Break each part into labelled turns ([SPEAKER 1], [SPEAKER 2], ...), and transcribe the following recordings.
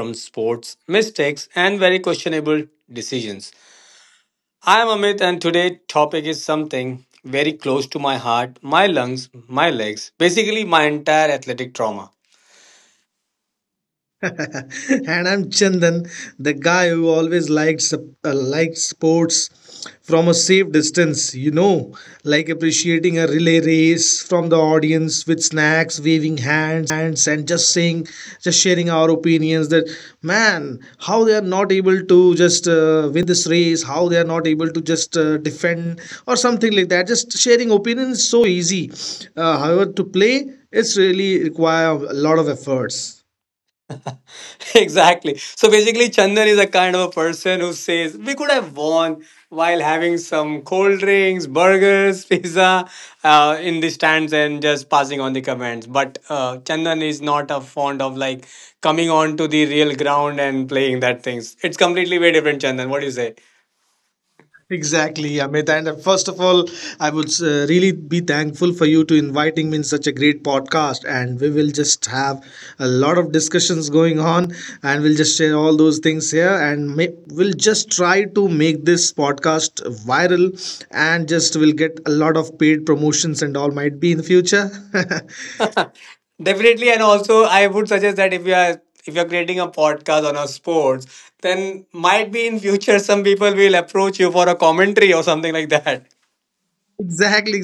[SPEAKER 1] from sports, mistakes, and very questionable decisions. I am Amit, and today's topic is something very close to my heart, my lungs, my legs, basically, my entire athletic trauma.
[SPEAKER 2] And I'm Chandan, the guy who always liked sports from a safe distance. Like appreciating a relay race from the audience with snacks, waving hands, and just saying, just sharing our opinions. That man, how they are not able to just win this race, how they are not able to just defend or something like that. Just sharing opinions is so easy. However, to play, it's really require a lot of efforts.
[SPEAKER 1] Exactly. So basically, Chandan is a kind of a person who says we could have won while having some cold drinks, burgers, pizza in the stands and just passing on the comments. But Chandan is not a fond of like coming on to the real ground and playing that things. It's completely very different, Chandan. What do you say?
[SPEAKER 2] Exactly, Amit. And first of all, I would really be thankful for you to inviting me in such a great podcast. And we will just have a lot of discussions going on, and we'll just share all those things here. And we'll just try to make this podcast viral, and just will get a lot of paid promotions and all might be in the future.
[SPEAKER 1] Definitely, and also I would suggest that if you're creating a podcast on a sports, then might be in future some people will approach you for a commentary or something like that.
[SPEAKER 2] Exactly,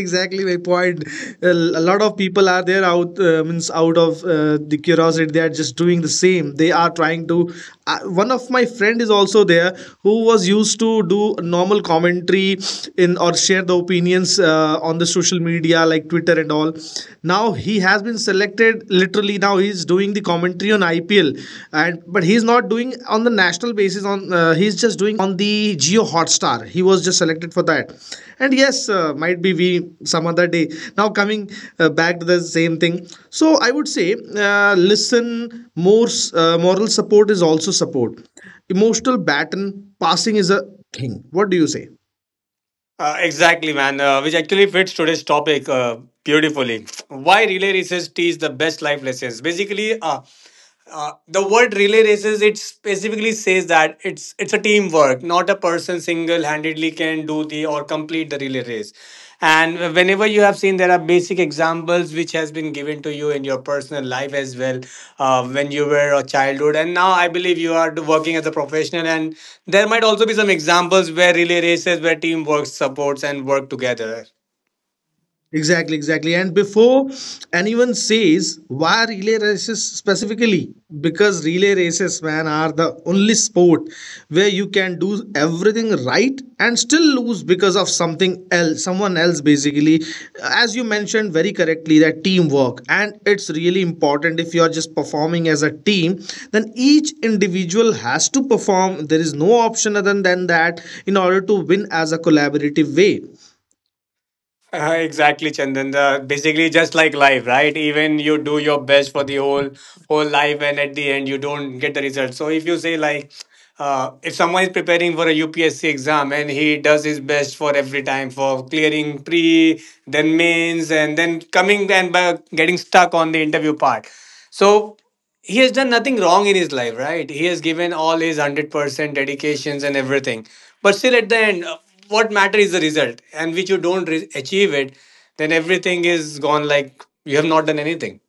[SPEAKER 2] exactly my point. A lot of people are there out of the curiosity. They are just doing the same. They are trying to. One of my friend is also there who was used to do normal commentary in or share the opinions on the social media like Twitter and all. Now he has been selected. Literally, now he's doing the commentary on IPL, and but he's not doing on the national basis. On he's just doing on the Geo Hotstar. He was just selected for that, and yes, might be we some other day. Now coming back to the same thing. So I would say, listen more. Moral support is also support. Emotional baton passing is a thing. What do you say?
[SPEAKER 1] Exactly, man. Which actually fits today's topic beautifully. Why relay races teach the best life lessons? Basically, the word relay races it specifically says that it's a teamwork not a person single-handedly can do the or complete the relay race. And whenever you have seen there are basic examples which has been given to you in your personal life as well when you were a childhood, and now I believe you are working as a professional, and there might also be some examples where relay races where teamwork supports and work together.
[SPEAKER 2] Exactly, exactly. And before anyone says why relay races specifically, because relay races, man, are the only sport where you can do everything right and still lose because of something else, someone else, basically. As you mentioned very correctly, that teamwork, and it's really important if you're just performing as a team, then each individual has to perform. There is no option other than that in order to win as a collaborative way.
[SPEAKER 1] Exactly, Chandan. Basically, just like life, right? Even you do your best for the whole life, and at the end, you don't get the result. So, if you say like, if someone is preparing for a UPSC exam and he does his best for every time for clearing pre, then mains, and then coming and by getting stuck on the interview part, so he has done nothing wrong in his life, right? He has given all his 100% dedications and everything. But still, at the end, what matter is the result. And which you don't achieve it, then everything is gone like you have not done anything.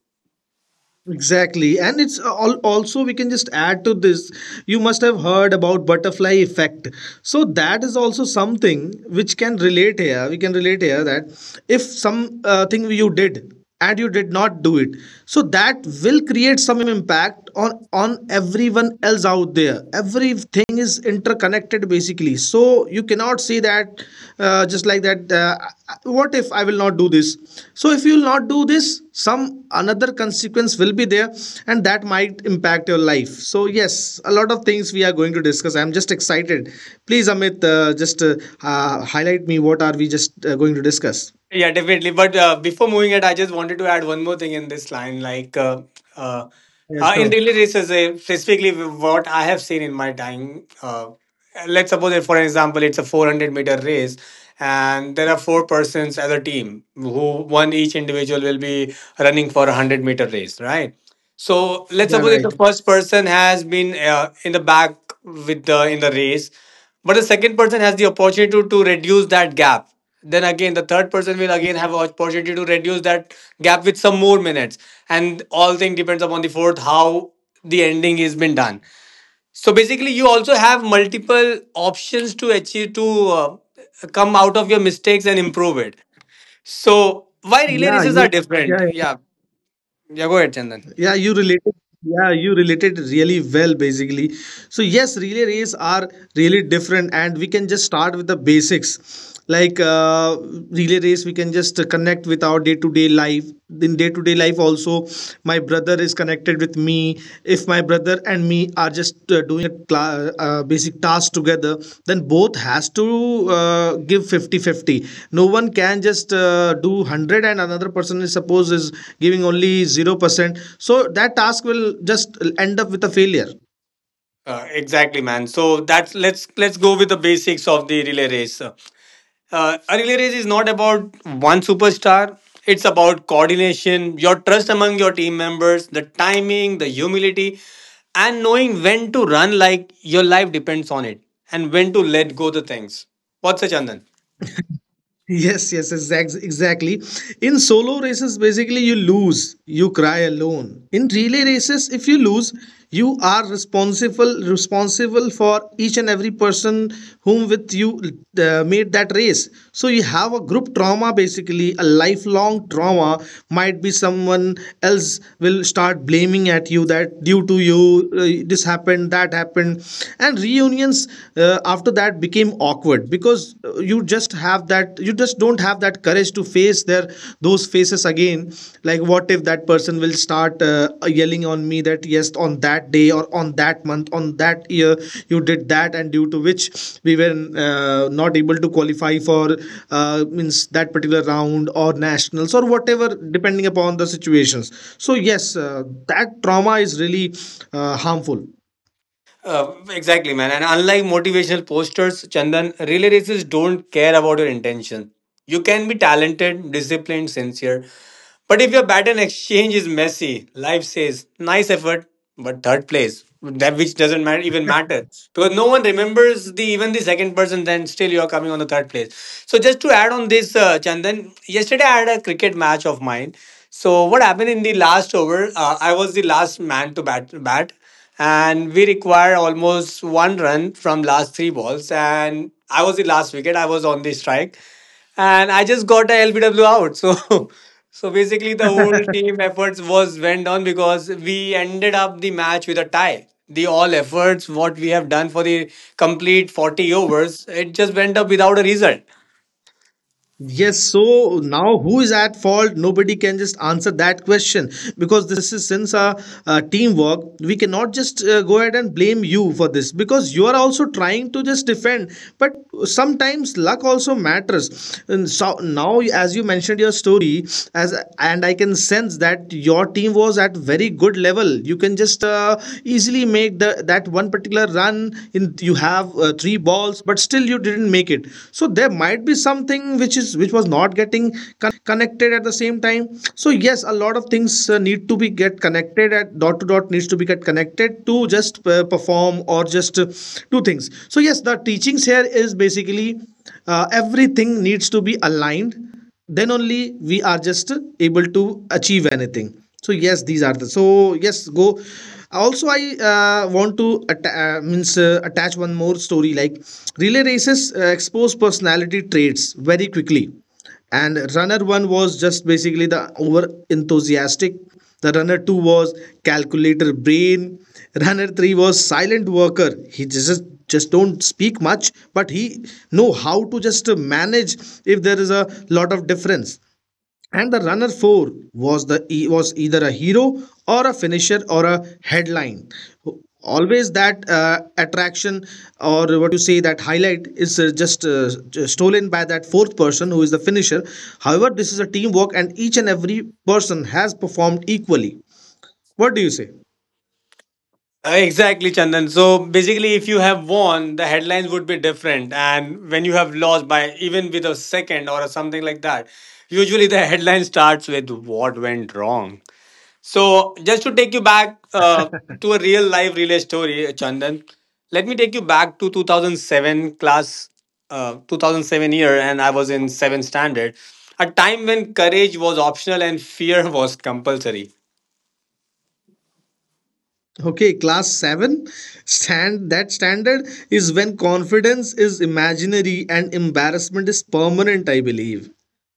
[SPEAKER 2] Exactly. And also, we can just add to this. You must have heard about butterfly effect. So that is also something which can relate here. We can relate here that if some thing you did and you did not do it, so that will create some impact on everyone else out there. Everything is connected basically. So you cannot say that just like that what if I will not do this. So if you will not do this, some another consequence will be there, and that might impact your life. So yes, a lot of things we are going to discuss. I'm just excited. Please, Amit, just highlight me, what are we just going to discuss?
[SPEAKER 1] Yeah, definitely. But before moving it, I just wanted to add one more thing in this line. Like, uh,
[SPEAKER 2] Yeah,
[SPEAKER 1] in
[SPEAKER 2] sure.
[SPEAKER 1] relay races, specifically what I have seen in my time, let's suppose, that for example, it's a 400-meter race, and there are four persons as a team who one each individual will be running for a 100-meter race, right? So let's
[SPEAKER 2] Yeah,
[SPEAKER 1] suppose if the
[SPEAKER 2] right.
[SPEAKER 1] first person has been in the back with the in the race, but the second person has the opportunity to reduce that gap. Then again, the third person will again have opportunity to reduce that gap with some more minutes, and all thing depends upon the fourth how the ending is been done. So basically, you also have multiple options to achieve to uh, come out of your mistakes and improve it. So why relay
[SPEAKER 2] Yeah,
[SPEAKER 1] races
[SPEAKER 2] you.
[SPEAKER 1] are different?
[SPEAKER 2] Yeah
[SPEAKER 1] Yeah, yeah. Go ahead, Chandan.
[SPEAKER 2] Yeah, you related. Yeah, you related really well, basically. So yes, relay race are really different, and we can just start with the basics. Like relay race, we can just connect with our day to day life. In day to day life, also, my brother is connected with me. If my brother and me are just doing a basic task together, then both has to give fifty-fifty. No one can just do 100, and another person is suppose is giving only 0%, so that task will just end up with a failure.
[SPEAKER 1] Exactly, man. So that's let's go with the basics of the relay race. A relay race is not about one superstar. It's about coordination, your trust among your team members, the timing, the humility, and knowing when to run like your life depends on it, and when to let go the things. What's a Chandan?
[SPEAKER 2] Yes, yes, exactly. In solo races, basically, you lose, you cry alone. In relay races, if you lose, you are responsible for each and every person whom with you made that race. So you have a group trauma, basically, a lifelong trauma. Might be someone else will start blaming at you that due to you this happened, that happened, and reunions after that became awkward because you just don't have that courage to face their those faces again. Like what if that person will start yelling on me that yes, on that day or on that month on that year you did that, and due to which we were not able to qualify for means that particular round or nationals or whatever, depending upon the situations. So yes, that trauma is really harmful.
[SPEAKER 1] Exactly, man. And unlike motivational posters, Chandan, relay races don't care about your intention. You can be talented, disciplined, sincere. But if your baton exchange is messy, life says, nice effort, but third place, that which doesn't matter, even matter. Because no one remembers the even the second person, then still you're coming on the third place. So just to add on this, Chandan, yesterday I had a cricket match of mine. So what happened in the last over? I was the last man to bat and we require almost one run from last three balls. And I was the last wicket. I was on the strike, and I just got a LBW out. So basically, the whole team efforts was went on because we ended up the match with a tie. The all efforts what we have done for the complete 40 overs, it just went up without a result.
[SPEAKER 2] Yes, so now who is at fault? Nobody can just answer that question because this is since a teamwork. We cannot just go ahead and blame you for this because you are also trying to just defend. But sometimes luck also matters. And so now, as you mentioned your story, as and I can sense that your team was at very good level. You can just easily make the that one particular run in you have three balls, but still you didn't make it. So there might be something which was not getting connected at the same time. So yes, a lot of things need to be get connected at dot to dot, needs to be get connected to just perform or just do things. So yes, the teachings here is basically everything needs to be aligned, then only we are just able to achieve anything. So yes, these are the so yes go also. I want to atta- means attach one more story. Like relay races expose personality traits very quickly. And runner one was just basically the over enthusiastic, the runner two was calculator brain, runner three was silent worker, he just don't speak much but he know how to just manage if there is a lot of difference. And the runner 4 was either a hero or a finisher or a headline. Always that attraction or what you say that highlight is just stolen by that fourth person who is the finisher. However, this is a teamwork and each and every person has performed equally. What do you say?
[SPEAKER 1] Exactly, Chandan. So basically, if you have won, the headlines would be different. And when you have lost by even with a second or something like that, usually the headline starts with what went wrong. So just to take you back to a real life relay story, Chandan, let me take you back to 2007 class, 2007 year, and I was in seventh standard, a time when courage was optional and fear was compulsory.
[SPEAKER 2] Okay, class 7 stand that standard is when confidence is imaginary and embarrassment is permanent, I believe.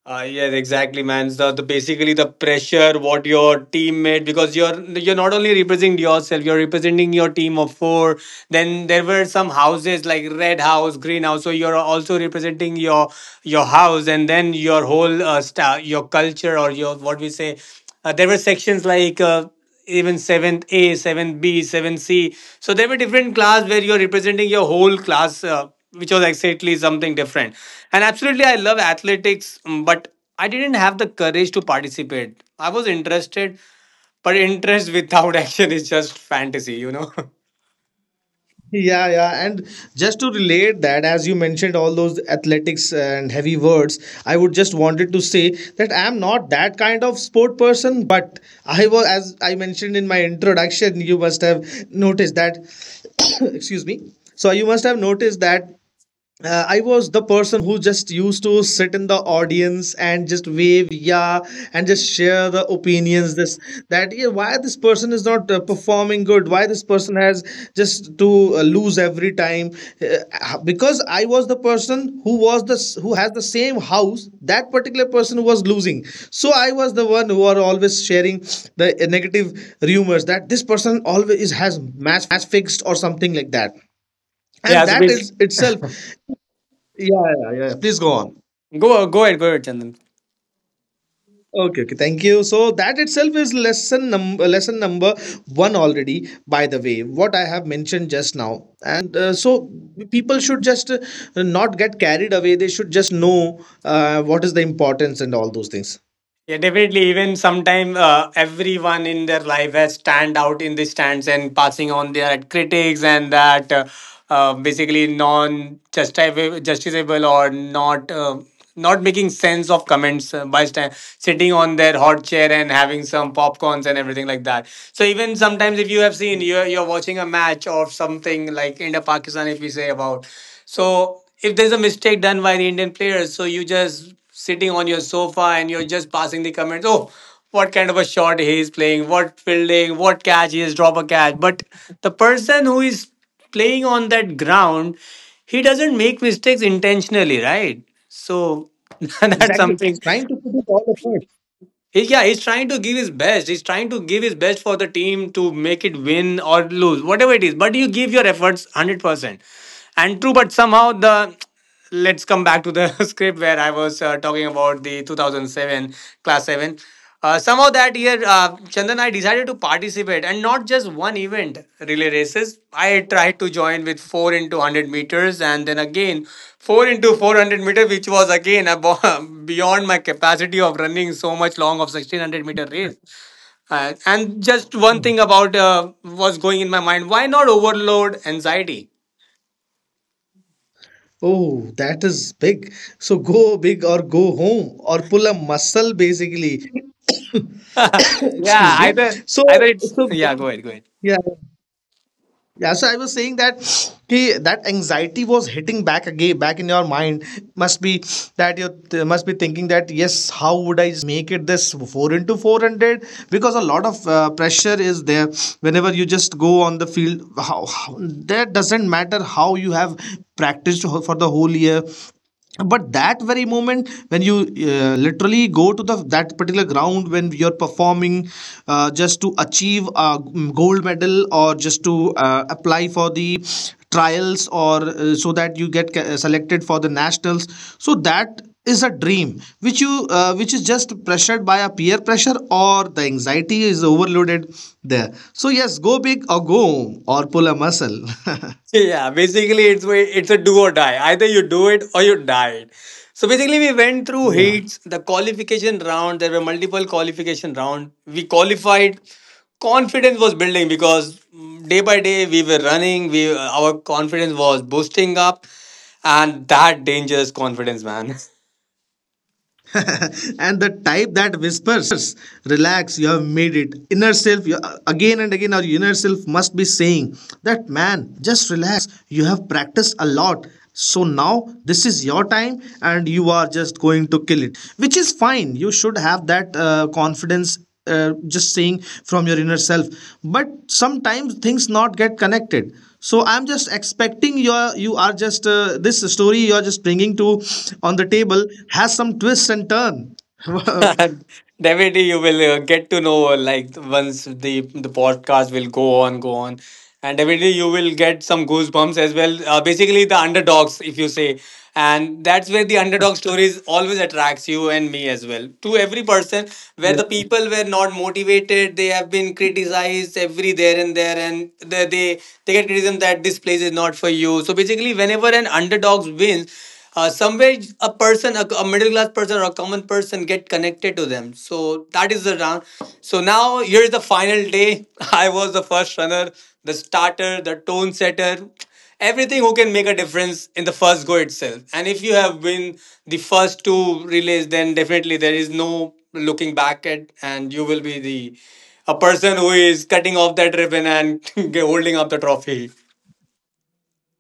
[SPEAKER 1] Yes, exactly, man. The basically the pressure what your teammate because you're not only representing yourself, you're representing your team of four. Then there were some houses like Red House, Green House. So you're also representing your house, and then your whole star, your culture or your what we say. There were sections like, even 7th A, 7th B, 7th C. So there were different class where you're representing your whole class, which was exactly something different. And absolutely, I love athletics, but I didn't have the courage to participate. I was interested, but interest without action is just fantasy, you know?
[SPEAKER 2] Yeah, yeah, and just to relate that, as you mentioned all those athletics and heavy words, I would just wanted to say that I am not that kind of sport person, but I was, as I mentioned in my introduction, you must have noticed that, excuse me, so you must have noticed that I was the person who just used to sit in the audience and just wave, yeah, and just share the opinions. This that, yeah, why this person is not performing good? Why this person has just to lose every time? Because I was the person who has the same house. That particular person who was losing, so I was the one who are always sharing the negative rumors that this person always has match fixed or something like that,
[SPEAKER 1] Yeah,
[SPEAKER 2] and
[SPEAKER 1] so
[SPEAKER 2] that
[SPEAKER 1] please
[SPEAKER 2] is itself. Yeah, yeah, yeah. Yeah. Please go on.
[SPEAKER 1] go ahead, Chandan.
[SPEAKER 2] Okay, okay. Thank you. So that itself is lesson number one already. By the way, what I have mentioned just now, and people should just not get carried away. They should just know what is the importance and all those things.
[SPEAKER 1] Yeah, definitely. Even sometime everyone in their life has stand out in the stands and passing on their critics and that basically non justiciable or not making sense of comments by sta sitting on their hot chair and having some popcorns and everything like that. So even sometimes if you have seen you're watching a match or something like India Pakistan if we say about, so if there's a mistake done by the Indian players, so you just sitting on your sofa and you're just passing the comments. Oh, what kind of a shot he is playing, what fielding, what catch, he has dropped a catch. But the person who is playing on that ground, he doesn't make mistakes intentionally, right? So that's
[SPEAKER 2] Exactly. He's
[SPEAKER 1] something.
[SPEAKER 2] trying to put it all apart.
[SPEAKER 1] He, yeah, he's trying to give his best. He's trying to give his best for the team to make it win or lose, whatever it is. But you give your efforts 100% and true, but somehow the let's come back to the script where I was talking about the 2007 class 7, somehow that year, Chandan and I decided to participate, and not just one event relay races, I tried to join with 4 into 100 meters and then again 4 into 400 meter, which was again beyond my capacity of running so much long of 1600 meter race, and just one
[SPEAKER 2] Hmm.
[SPEAKER 1] thing about was going in my mind, why not overload anxiety.
[SPEAKER 2] Oh, that is big. So go big or go home or pull a muscle basically. Excuse
[SPEAKER 1] Yeah,
[SPEAKER 2] me.
[SPEAKER 1] either
[SPEAKER 2] So,
[SPEAKER 1] either it's
[SPEAKER 2] so
[SPEAKER 1] yeah. Go ahead, go ahead.
[SPEAKER 2] yeah. Yeah, so I was saying that ki, that anxiety was hitting back again, back in your mind. Must be that must be thinking that yes, how would I just make it this 4x400? Because a lot of pressure is there whenever you just go on the field. How that doesn't matter how you have practiced for the whole year, but that very moment when you literally go to the that particular ground when you're performing just to achieve a gold medal or just to apply for the trials or so that you get selected for the nationals, so that is a dream which is just pressured by a peer pressure, or the anxiety is overloaded there. So yes, go big or go home or pull a muscle.
[SPEAKER 1] Yeah, basically it's a do or die. Either you do it or you died. So basically we went through heats, the qualification round. There were multiple qualification round. We qualified. Confidence was building because day by day we were running, we our confidence was boosting up, and that dangerous confidence, man.
[SPEAKER 2] And the type that whispers, relax, you have made it. Inner self, you, again and again, our inner self must be saying that, man, just relax. You have practiced a lot. So now this is your time and you are just going to kill it, which is fine. You should have that confidence. Just saying from your inner self, but sometimes things not get connected, so I'm just expecting your you are just this story you are just bringing to on the table has some twists and turn.
[SPEAKER 1] Definitely, you will get to know like once the podcast will go on, go on, and definitely you will get some goosebumps as well. Basically, the underdogs, if you say, and that's where the underdog stories always attracts you and me as well. To every person where
[SPEAKER 2] Yeah.
[SPEAKER 1] the people were not motivated, they have been criticized every there and there, and they get criticism that this place is not for you. So basically whenever an underdog wins, somewhere a person, a middle class person or a common person get connected to them. So that is the round. So now here's the final day. I was the first runner, the starter, the tone setter, everything who can make a difference in the first go itself. And if you have been the first two relays, then definitely there is no looking back at, and you will be the a person who is cutting off that ribbon and holding up the trophy.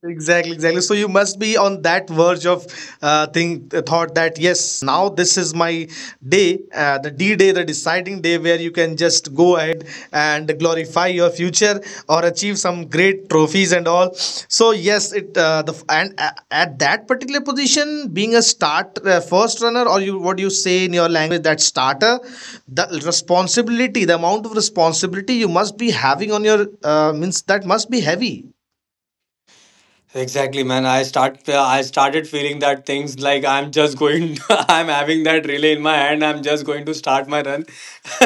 [SPEAKER 2] Exactly, exactly. So you must be on that verge of thing thought that yes, now this is my day, the D day, the deciding day, where you can just go ahead and glorify your future or achieve some great trophies and all. So yes, it the and at that particular position, being a start first runner, or you what do you say in your language, that starter, the responsibility, the amount of responsibility you must be having on your means that must be heavy.
[SPEAKER 1] Exactly, man. I started feeling that things like I'm just going. I'm having that relay in my hand. I'm just going to start my run.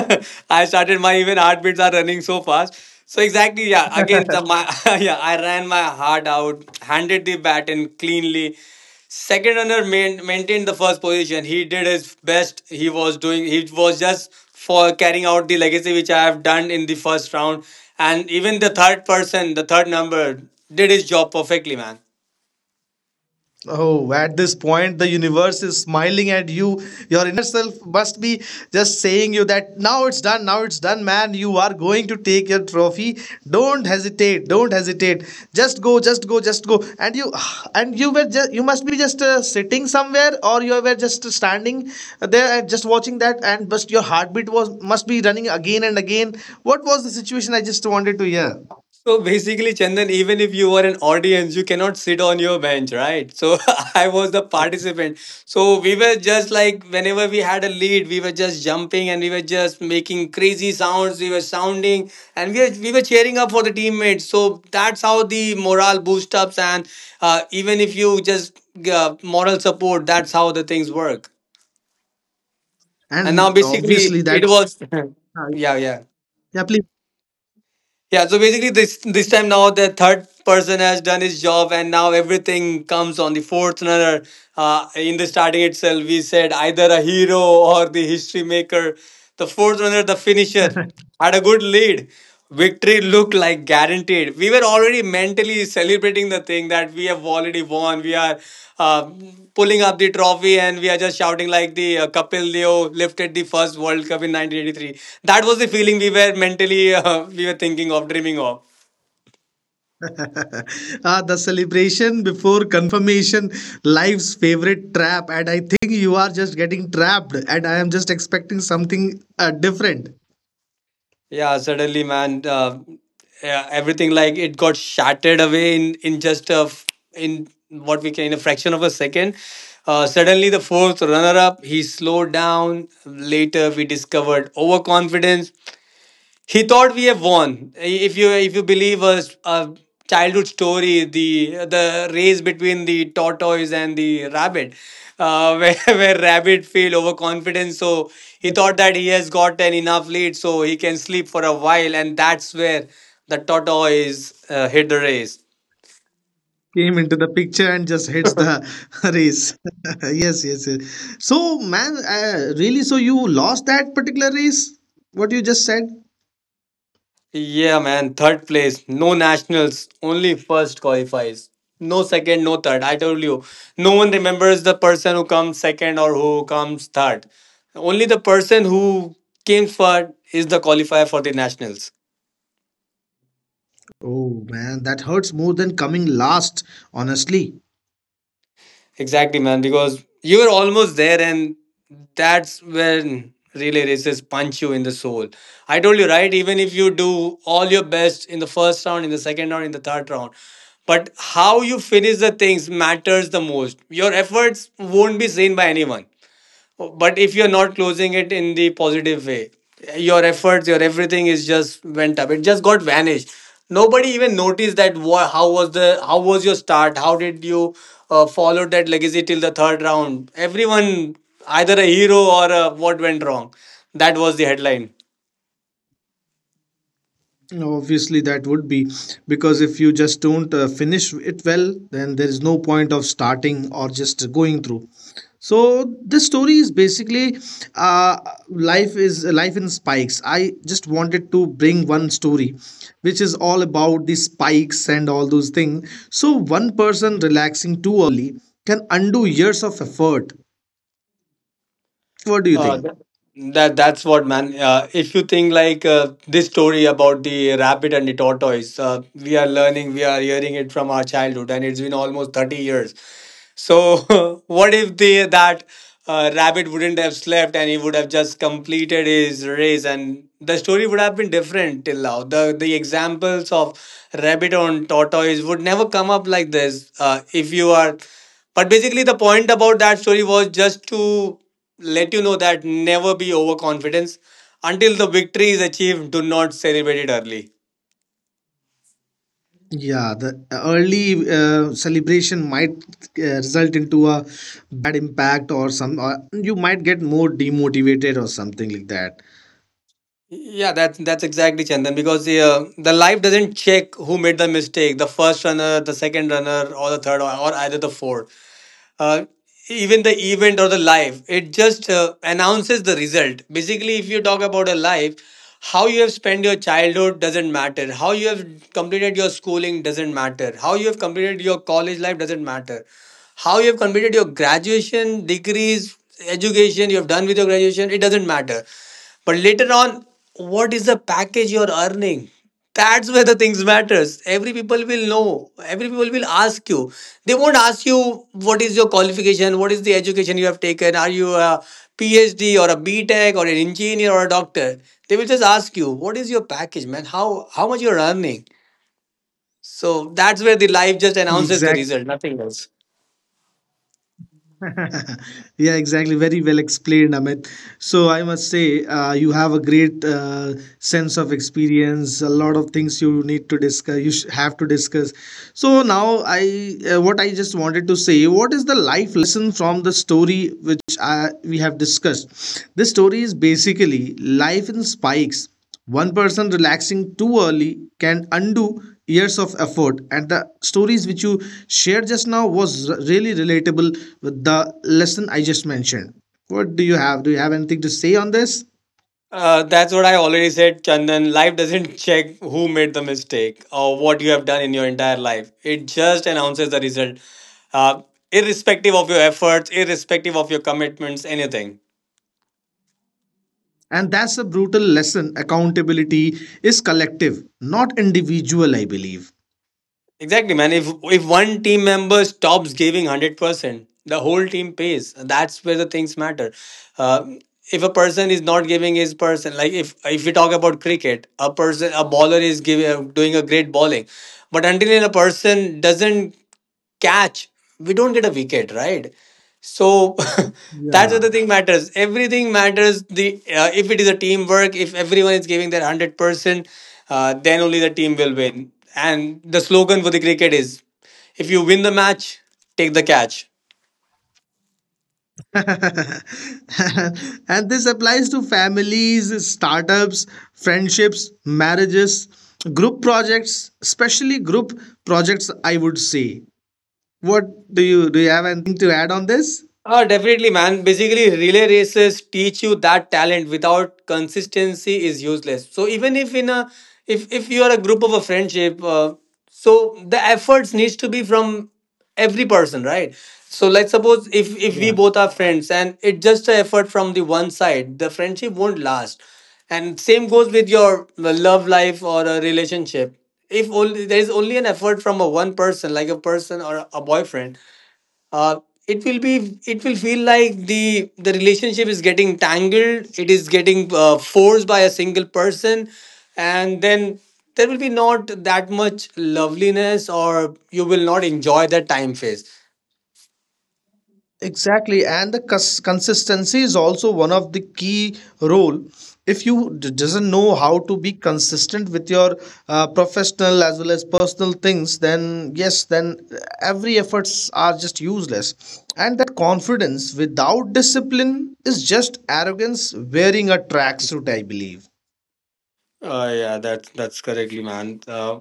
[SPEAKER 1] I started my even heartbeats are running so fast. So exactly, yeah. Again, my yeah. I ran my heart out, handed the bat in cleanly. Second runner maintained the first position. He did his best. He was doing. He was just for carrying out the legacy which I have done in the first round. And even the third person, the third number, did his job perfectly, man.
[SPEAKER 2] Oh, at this point, the universe is smiling at you. Your inner self must be just saying you that now it's done, man. You are going to take your trophy. Don't hesitate. Don't hesitate. Just go, just go, just go. And you were just, you must be just sitting somewhere, or you were just standing there and just watching that, and but your heartbeat was must be running again and again. What was the situation? I just wanted to hear.
[SPEAKER 1] So basically, Chandan, even if you were an audience, you cannot sit on your bench, right? So I was the participant. So we were just like, whenever we had a lead, we were just jumping and we were just making crazy sounds. We were sounding and we were cheering up for the teammates. So that's how the morale boost ups. And even if you just moral support, that's how the things work. And now
[SPEAKER 2] And
[SPEAKER 1] basically,
[SPEAKER 2] obviously that,
[SPEAKER 1] it was, yeah, yeah.
[SPEAKER 2] yeah, please.
[SPEAKER 1] Yeah, so basically this time now the third person has done his job and now everything comes on the fourth runner. In the starting itself, we said either a hero or the history maker. The fourth runner, the finisher, had a good lead. Victory looked like guaranteed. We were already mentally celebrating the thing that we have already won. We are uh, pulling up the trophy and we are just shouting like the Kapil Deo lifted the first World Cup in 1983. That was the feeling we were mentally we were thinking of, dreaming of.
[SPEAKER 2] Ah, the celebration before confirmation, life's favorite trap. And I think you are just getting trapped, and I am just expecting something different.
[SPEAKER 1] Yeah, suddenly, man, yeah, everything like it got shattered away in just in what we can in a fraction of a second. Suddenly, the fourth runner-up he slowed down. Later, we discovered overconfidence. He thought we have won. If you believe a childhood story, the race between the tortoise and the rabbit, where where rabbit feel overconfident, so he thought that he has got an enough lead, so he can sleep for a while, and that's where the tortoise hit the race.
[SPEAKER 2] Came into the picture and just hits the race. Yes, yes, yes. So, man, really, so you lost that particular race? What you just said?
[SPEAKER 1] Yeah, man. Third place. No nationals. Only first qualifies. No second, no third. I told you. No one remembers the person who comes second or who comes third. Only the person who came third is the qualifier for the nationals.
[SPEAKER 2] Oh, man, that hurts more than coming last, honestly.
[SPEAKER 1] Exactly, man. Because you are almost there, and that's when relay races punch you in the soul. I told you, right? Even if you do all your best in the first round, in the second round, in the third round, but how you finish the things matters the most. Your efforts won't be seen by anyone, but if you're not closing it in the positive way, your efforts, your everything is just went up, it just got vanished. Nobody even noticed that how was the, how was your start, how did you follow that legacy till the third round. Everyone either a hero or a, what went wrong, that was the headline,
[SPEAKER 2] Obviously, that would be, because if you just don't finish it well, then there is no point of starting or just going through. So this story is basically uh, life is life in spikes. I just wanted to bring one story, which is all about the spikes and all those things. So one person relaxing too early can undo years of effort. What do you
[SPEAKER 1] uh,
[SPEAKER 2] think?
[SPEAKER 1] that, that's what, man. If you think like this story about the rabbit and the tortoise, we are learning, we are hearing it from our childhood, and it's been almost 30 years. So, what if they that rabbit wouldn't have slept and he would have just completed his race, and the story would have been different till now. The examples of rabbit on tortoise would never come up like this. If you are, but basically the point about that story was just to let you know that never be overconfidence until the victory is achieved. Do not celebrate it early.
[SPEAKER 2] Yeah, the early celebration might result into a bad impact, or some, or you might get more demotivated or something like that.
[SPEAKER 1] Yeah, that's exactly, Chandan, because the life doesn't check who made the mistake, the first runner, the second runner, or the third, or either the fourth. Uh, even the event or the life, it just announces the result. Basically, if you talk about a life, how you have spent your childhood doesn't matter. How you have completed your schooling doesn't matter. How you have completed your college life doesn't matter. How you have completed your graduation, degrees, education you have done with your graduation, it doesn't matter, but later on, what is the package you're earning? That's where the things matters. Every people will know. Every people will ask you. They won't ask you what is your qualification, what is the education you have taken. Are you a PhD or a BTech or an engineer or a doctor? They will just ask you what is your package, man. How much you're earning. So that's where the life just announces the
[SPEAKER 2] Exactly.
[SPEAKER 1] result, nothing else.
[SPEAKER 2] Yeah, exactly. Very well explained, Amit. So I must say, you have a great sense of experience. A lot of things you need to discuss. You have to discuss. So now I, what I just wanted to say, what is the life lesson from the story which I, we have discussed? This story is basically life in spikes. One person relaxing too early can undo years of effort. And the stories which you shared just now was really relatable with the lesson I just mentioned. What do you have? Do you have anything to say on this?
[SPEAKER 1] That's what I already said, Chandan. Life doesn't check who made the mistake or what you have done in your entire life. It just announces the result, uh, irrespective of your efforts, irrespective of your commitments, anything.
[SPEAKER 2] And that's a brutal lesson. Accountability is collective, not individual, I believe.
[SPEAKER 1] Exactly, man. If one team member stops giving 100%, the whole team pays. That's where the things matter. Uh, if a person is not giving his person, like if we talk about cricket, a person a bowler is giving doing a great bowling, but until a person doesn't catch, we don't get a wicket, right? So that's what
[SPEAKER 2] Yeah.
[SPEAKER 1] the thing matters. Everything matters. The if it is a teamwork, if everyone is giving their 100%, then only the team will win. And the slogan for the cricket is, if you win the match, take the catch.
[SPEAKER 2] And this applies to families, startups, friendships, marriages, group projects, especially group projects, I would say. What do you have anything to add on this?
[SPEAKER 1] Ah, definitely, man. Basically, relay races teach you that talent without consistency is useless. So even if in a if you are a group of a friendship, so the efforts needs to be from every person, right? So let's suppose if we both are friends and it's just an effort from the one side, the friendship won't last. And same goes with your love life or a relationship. If only there is only an effort from a one person, like a person or a boyfriend, uh, it will be, it will feel like the relationship is getting tangled, it is getting forced by a single person, and then there will be not that much loveliness, or you will not enjoy that time phase.
[SPEAKER 2] Exactly, and the consistency is also one of the key role. If you doesn't know how to be consistent with your professional as well as personal things, then yes, then every efforts are just useless. And that confidence without discipline is just arrogance wearing a tracksuit, I believe.
[SPEAKER 1] Yeah, that's correctly, man. uh,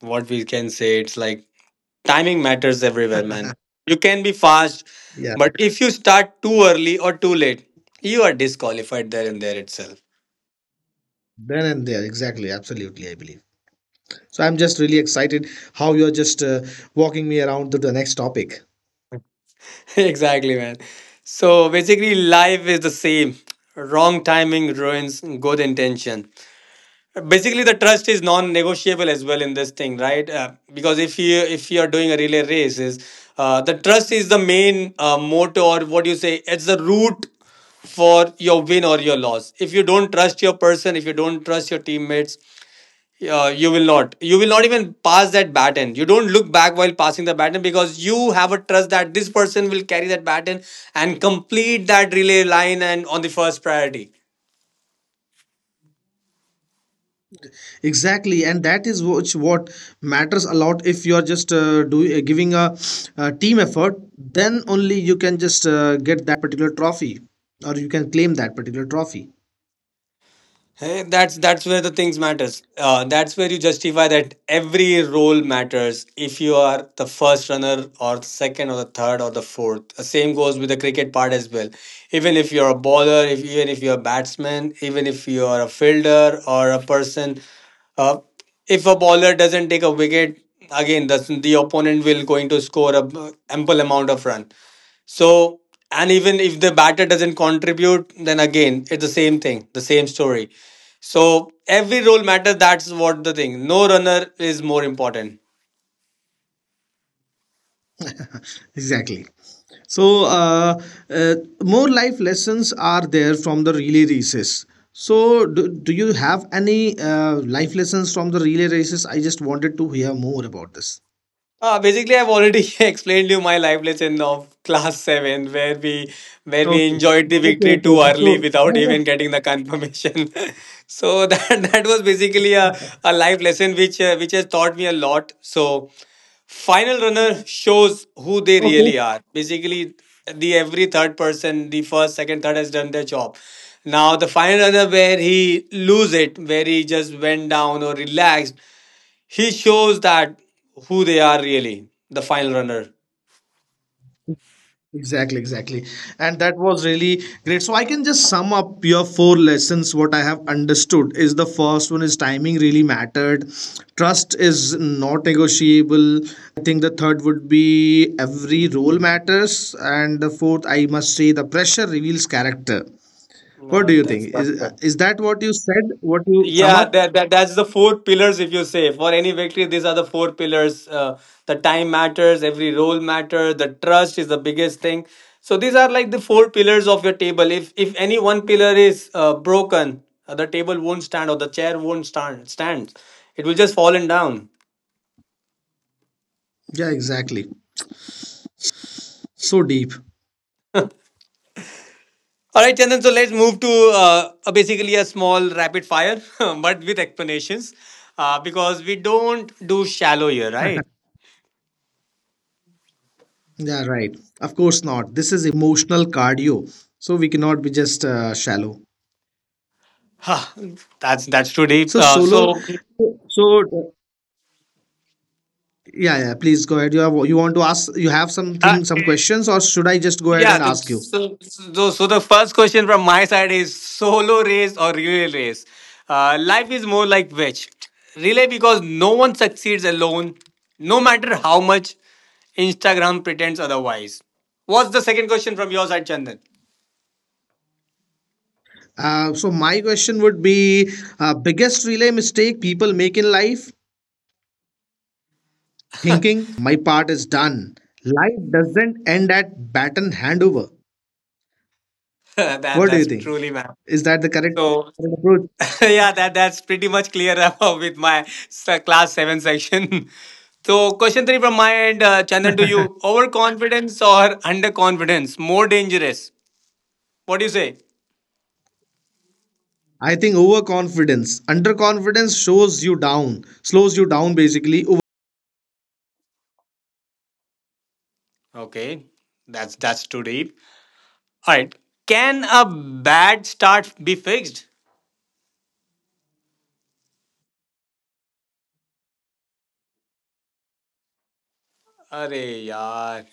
[SPEAKER 1] what we can say, it's like timing matters everywhere, man. You can be fast,
[SPEAKER 2] Yeah,
[SPEAKER 1] but if you start too early or too late, you are disqualified there and there itself.
[SPEAKER 2] then and there, exactly, absolutely, I believe so. I'm just really excited how you're just walking me around to the next topic.
[SPEAKER 1] Exactly, man. So basically, life is the same. Wrong timing ruins good intention. Basically, the trust is non-negotiable as well in this thing, right? Because if you are doing a relay race, is the trust is the main motto or what do you say? It's the root for your win or your loss. If you don't trust your person, if you don't trust your teammates, you will not. You will not even pass that baton. You don't look back while passing the baton because you have a trust that this person will carry that baton and complete that relay line and on the first priority.
[SPEAKER 2] Exactly, and that is which what matters a lot. If you are just doing giving a team effort, then only you can just get that particular trophy, or you can claim that particular trophy.
[SPEAKER 1] Hey, that's where the things matters. That's where you justify that every role matters. If you are the first runner or the second or the third or the fourth, the same goes with the cricket part as well. Even if you're a bowler, if even if you're a batsman, even if you are a fielder or a person, uh, if a bowler doesn't take a wicket, again the opponent will going to score a ample amount of run. So, and even if the batter doesn't contribute, then again, it's the same thing, the same story. So, every role matters. That's what the thing. No runner is more important.
[SPEAKER 2] Exactly. So uh, more life lessons are there from the relay races. So do you have any life lessons from the relay races? I just wanted to hear more about this.
[SPEAKER 1] Basically, I've already explained you my life lesson of class seven, where we
[SPEAKER 2] Okay.
[SPEAKER 1] enjoyed the
[SPEAKER 2] Okay,
[SPEAKER 1] victory
[SPEAKER 2] okay,
[SPEAKER 1] too
[SPEAKER 2] okay.
[SPEAKER 1] early
[SPEAKER 2] So
[SPEAKER 1] without
[SPEAKER 2] that was
[SPEAKER 1] even getting the confirmation. So that was basically a life lesson which has taught me a lot. So final runner shows who they
[SPEAKER 2] okay.
[SPEAKER 1] really are. Basically, the every third person, the first, second, third has done their job. Now the final runner, where he lose it, where he just went down or relaxed, he shows that who they are really, the final runner.
[SPEAKER 2] Exactly, exactly. And that was really great. So I can just sum up your four lessons. What I have understood is the first one is timing really mattered. Trust is not negotiable. I think the third would be every role matters. And the fourth, I must say, the pressure reveals character. What
[SPEAKER 1] No,
[SPEAKER 2] do you think?
[SPEAKER 1] that's not
[SPEAKER 2] Is
[SPEAKER 1] fair.
[SPEAKER 2] is that what you said? What you sum
[SPEAKER 1] Yeah,
[SPEAKER 2] up?
[SPEAKER 1] that's the four pillars. If you say for any victory, these are the four pillars. The time matters, every role matters. The trust is the biggest thing. So these are like the four pillars of your table. If any one pillar is broken, the table won't stand or the chair won't stand. Stand. It will just fallen down.
[SPEAKER 2] Yeah, exactly. So deep.
[SPEAKER 1] All right, Chandan. So let's move to a basically a small rapid fire, but with explanations, because we don't do shallow here, right?
[SPEAKER 2] Yeah, right. Of course not. This is emotional cardio. So we cannot be just shallow.
[SPEAKER 1] Huh, that's too deep.
[SPEAKER 2] So solo, so so, yeah, yeah. Please go ahead. You want to ask? You have
[SPEAKER 1] Uh,
[SPEAKER 2] something, some questions, or should I just go ahead
[SPEAKER 1] yeah.
[SPEAKER 2] and
[SPEAKER 1] The,
[SPEAKER 2] ask you?
[SPEAKER 1] so the first question from my side is solo race or relay race. Life is more like which relay because no one succeeds alone, no matter how much Instagram pretends otherwise. What's the second question from your side, Chandan?
[SPEAKER 2] So my question would be: biggest relay mistake people make in life, thinking my part is done. Life doesn't end at baton handover.
[SPEAKER 1] that
[SPEAKER 2] What do you
[SPEAKER 1] that's
[SPEAKER 2] think?
[SPEAKER 1] truly, ma'am.
[SPEAKER 2] Is that the correct
[SPEAKER 1] So
[SPEAKER 2] correct approach?
[SPEAKER 1] yeah, that's pretty much clear with my class seven section. So question three from my end, Chandan, to you: overconfidence or underconfidence, more dangerous? What do you say?
[SPEAKER 2] I think overconfidence, underconfidence shows you down, slows you down basically.
[SPEAKER 1] Okay, that's too deep. All right, can a bad start be fixed? Arey yaar,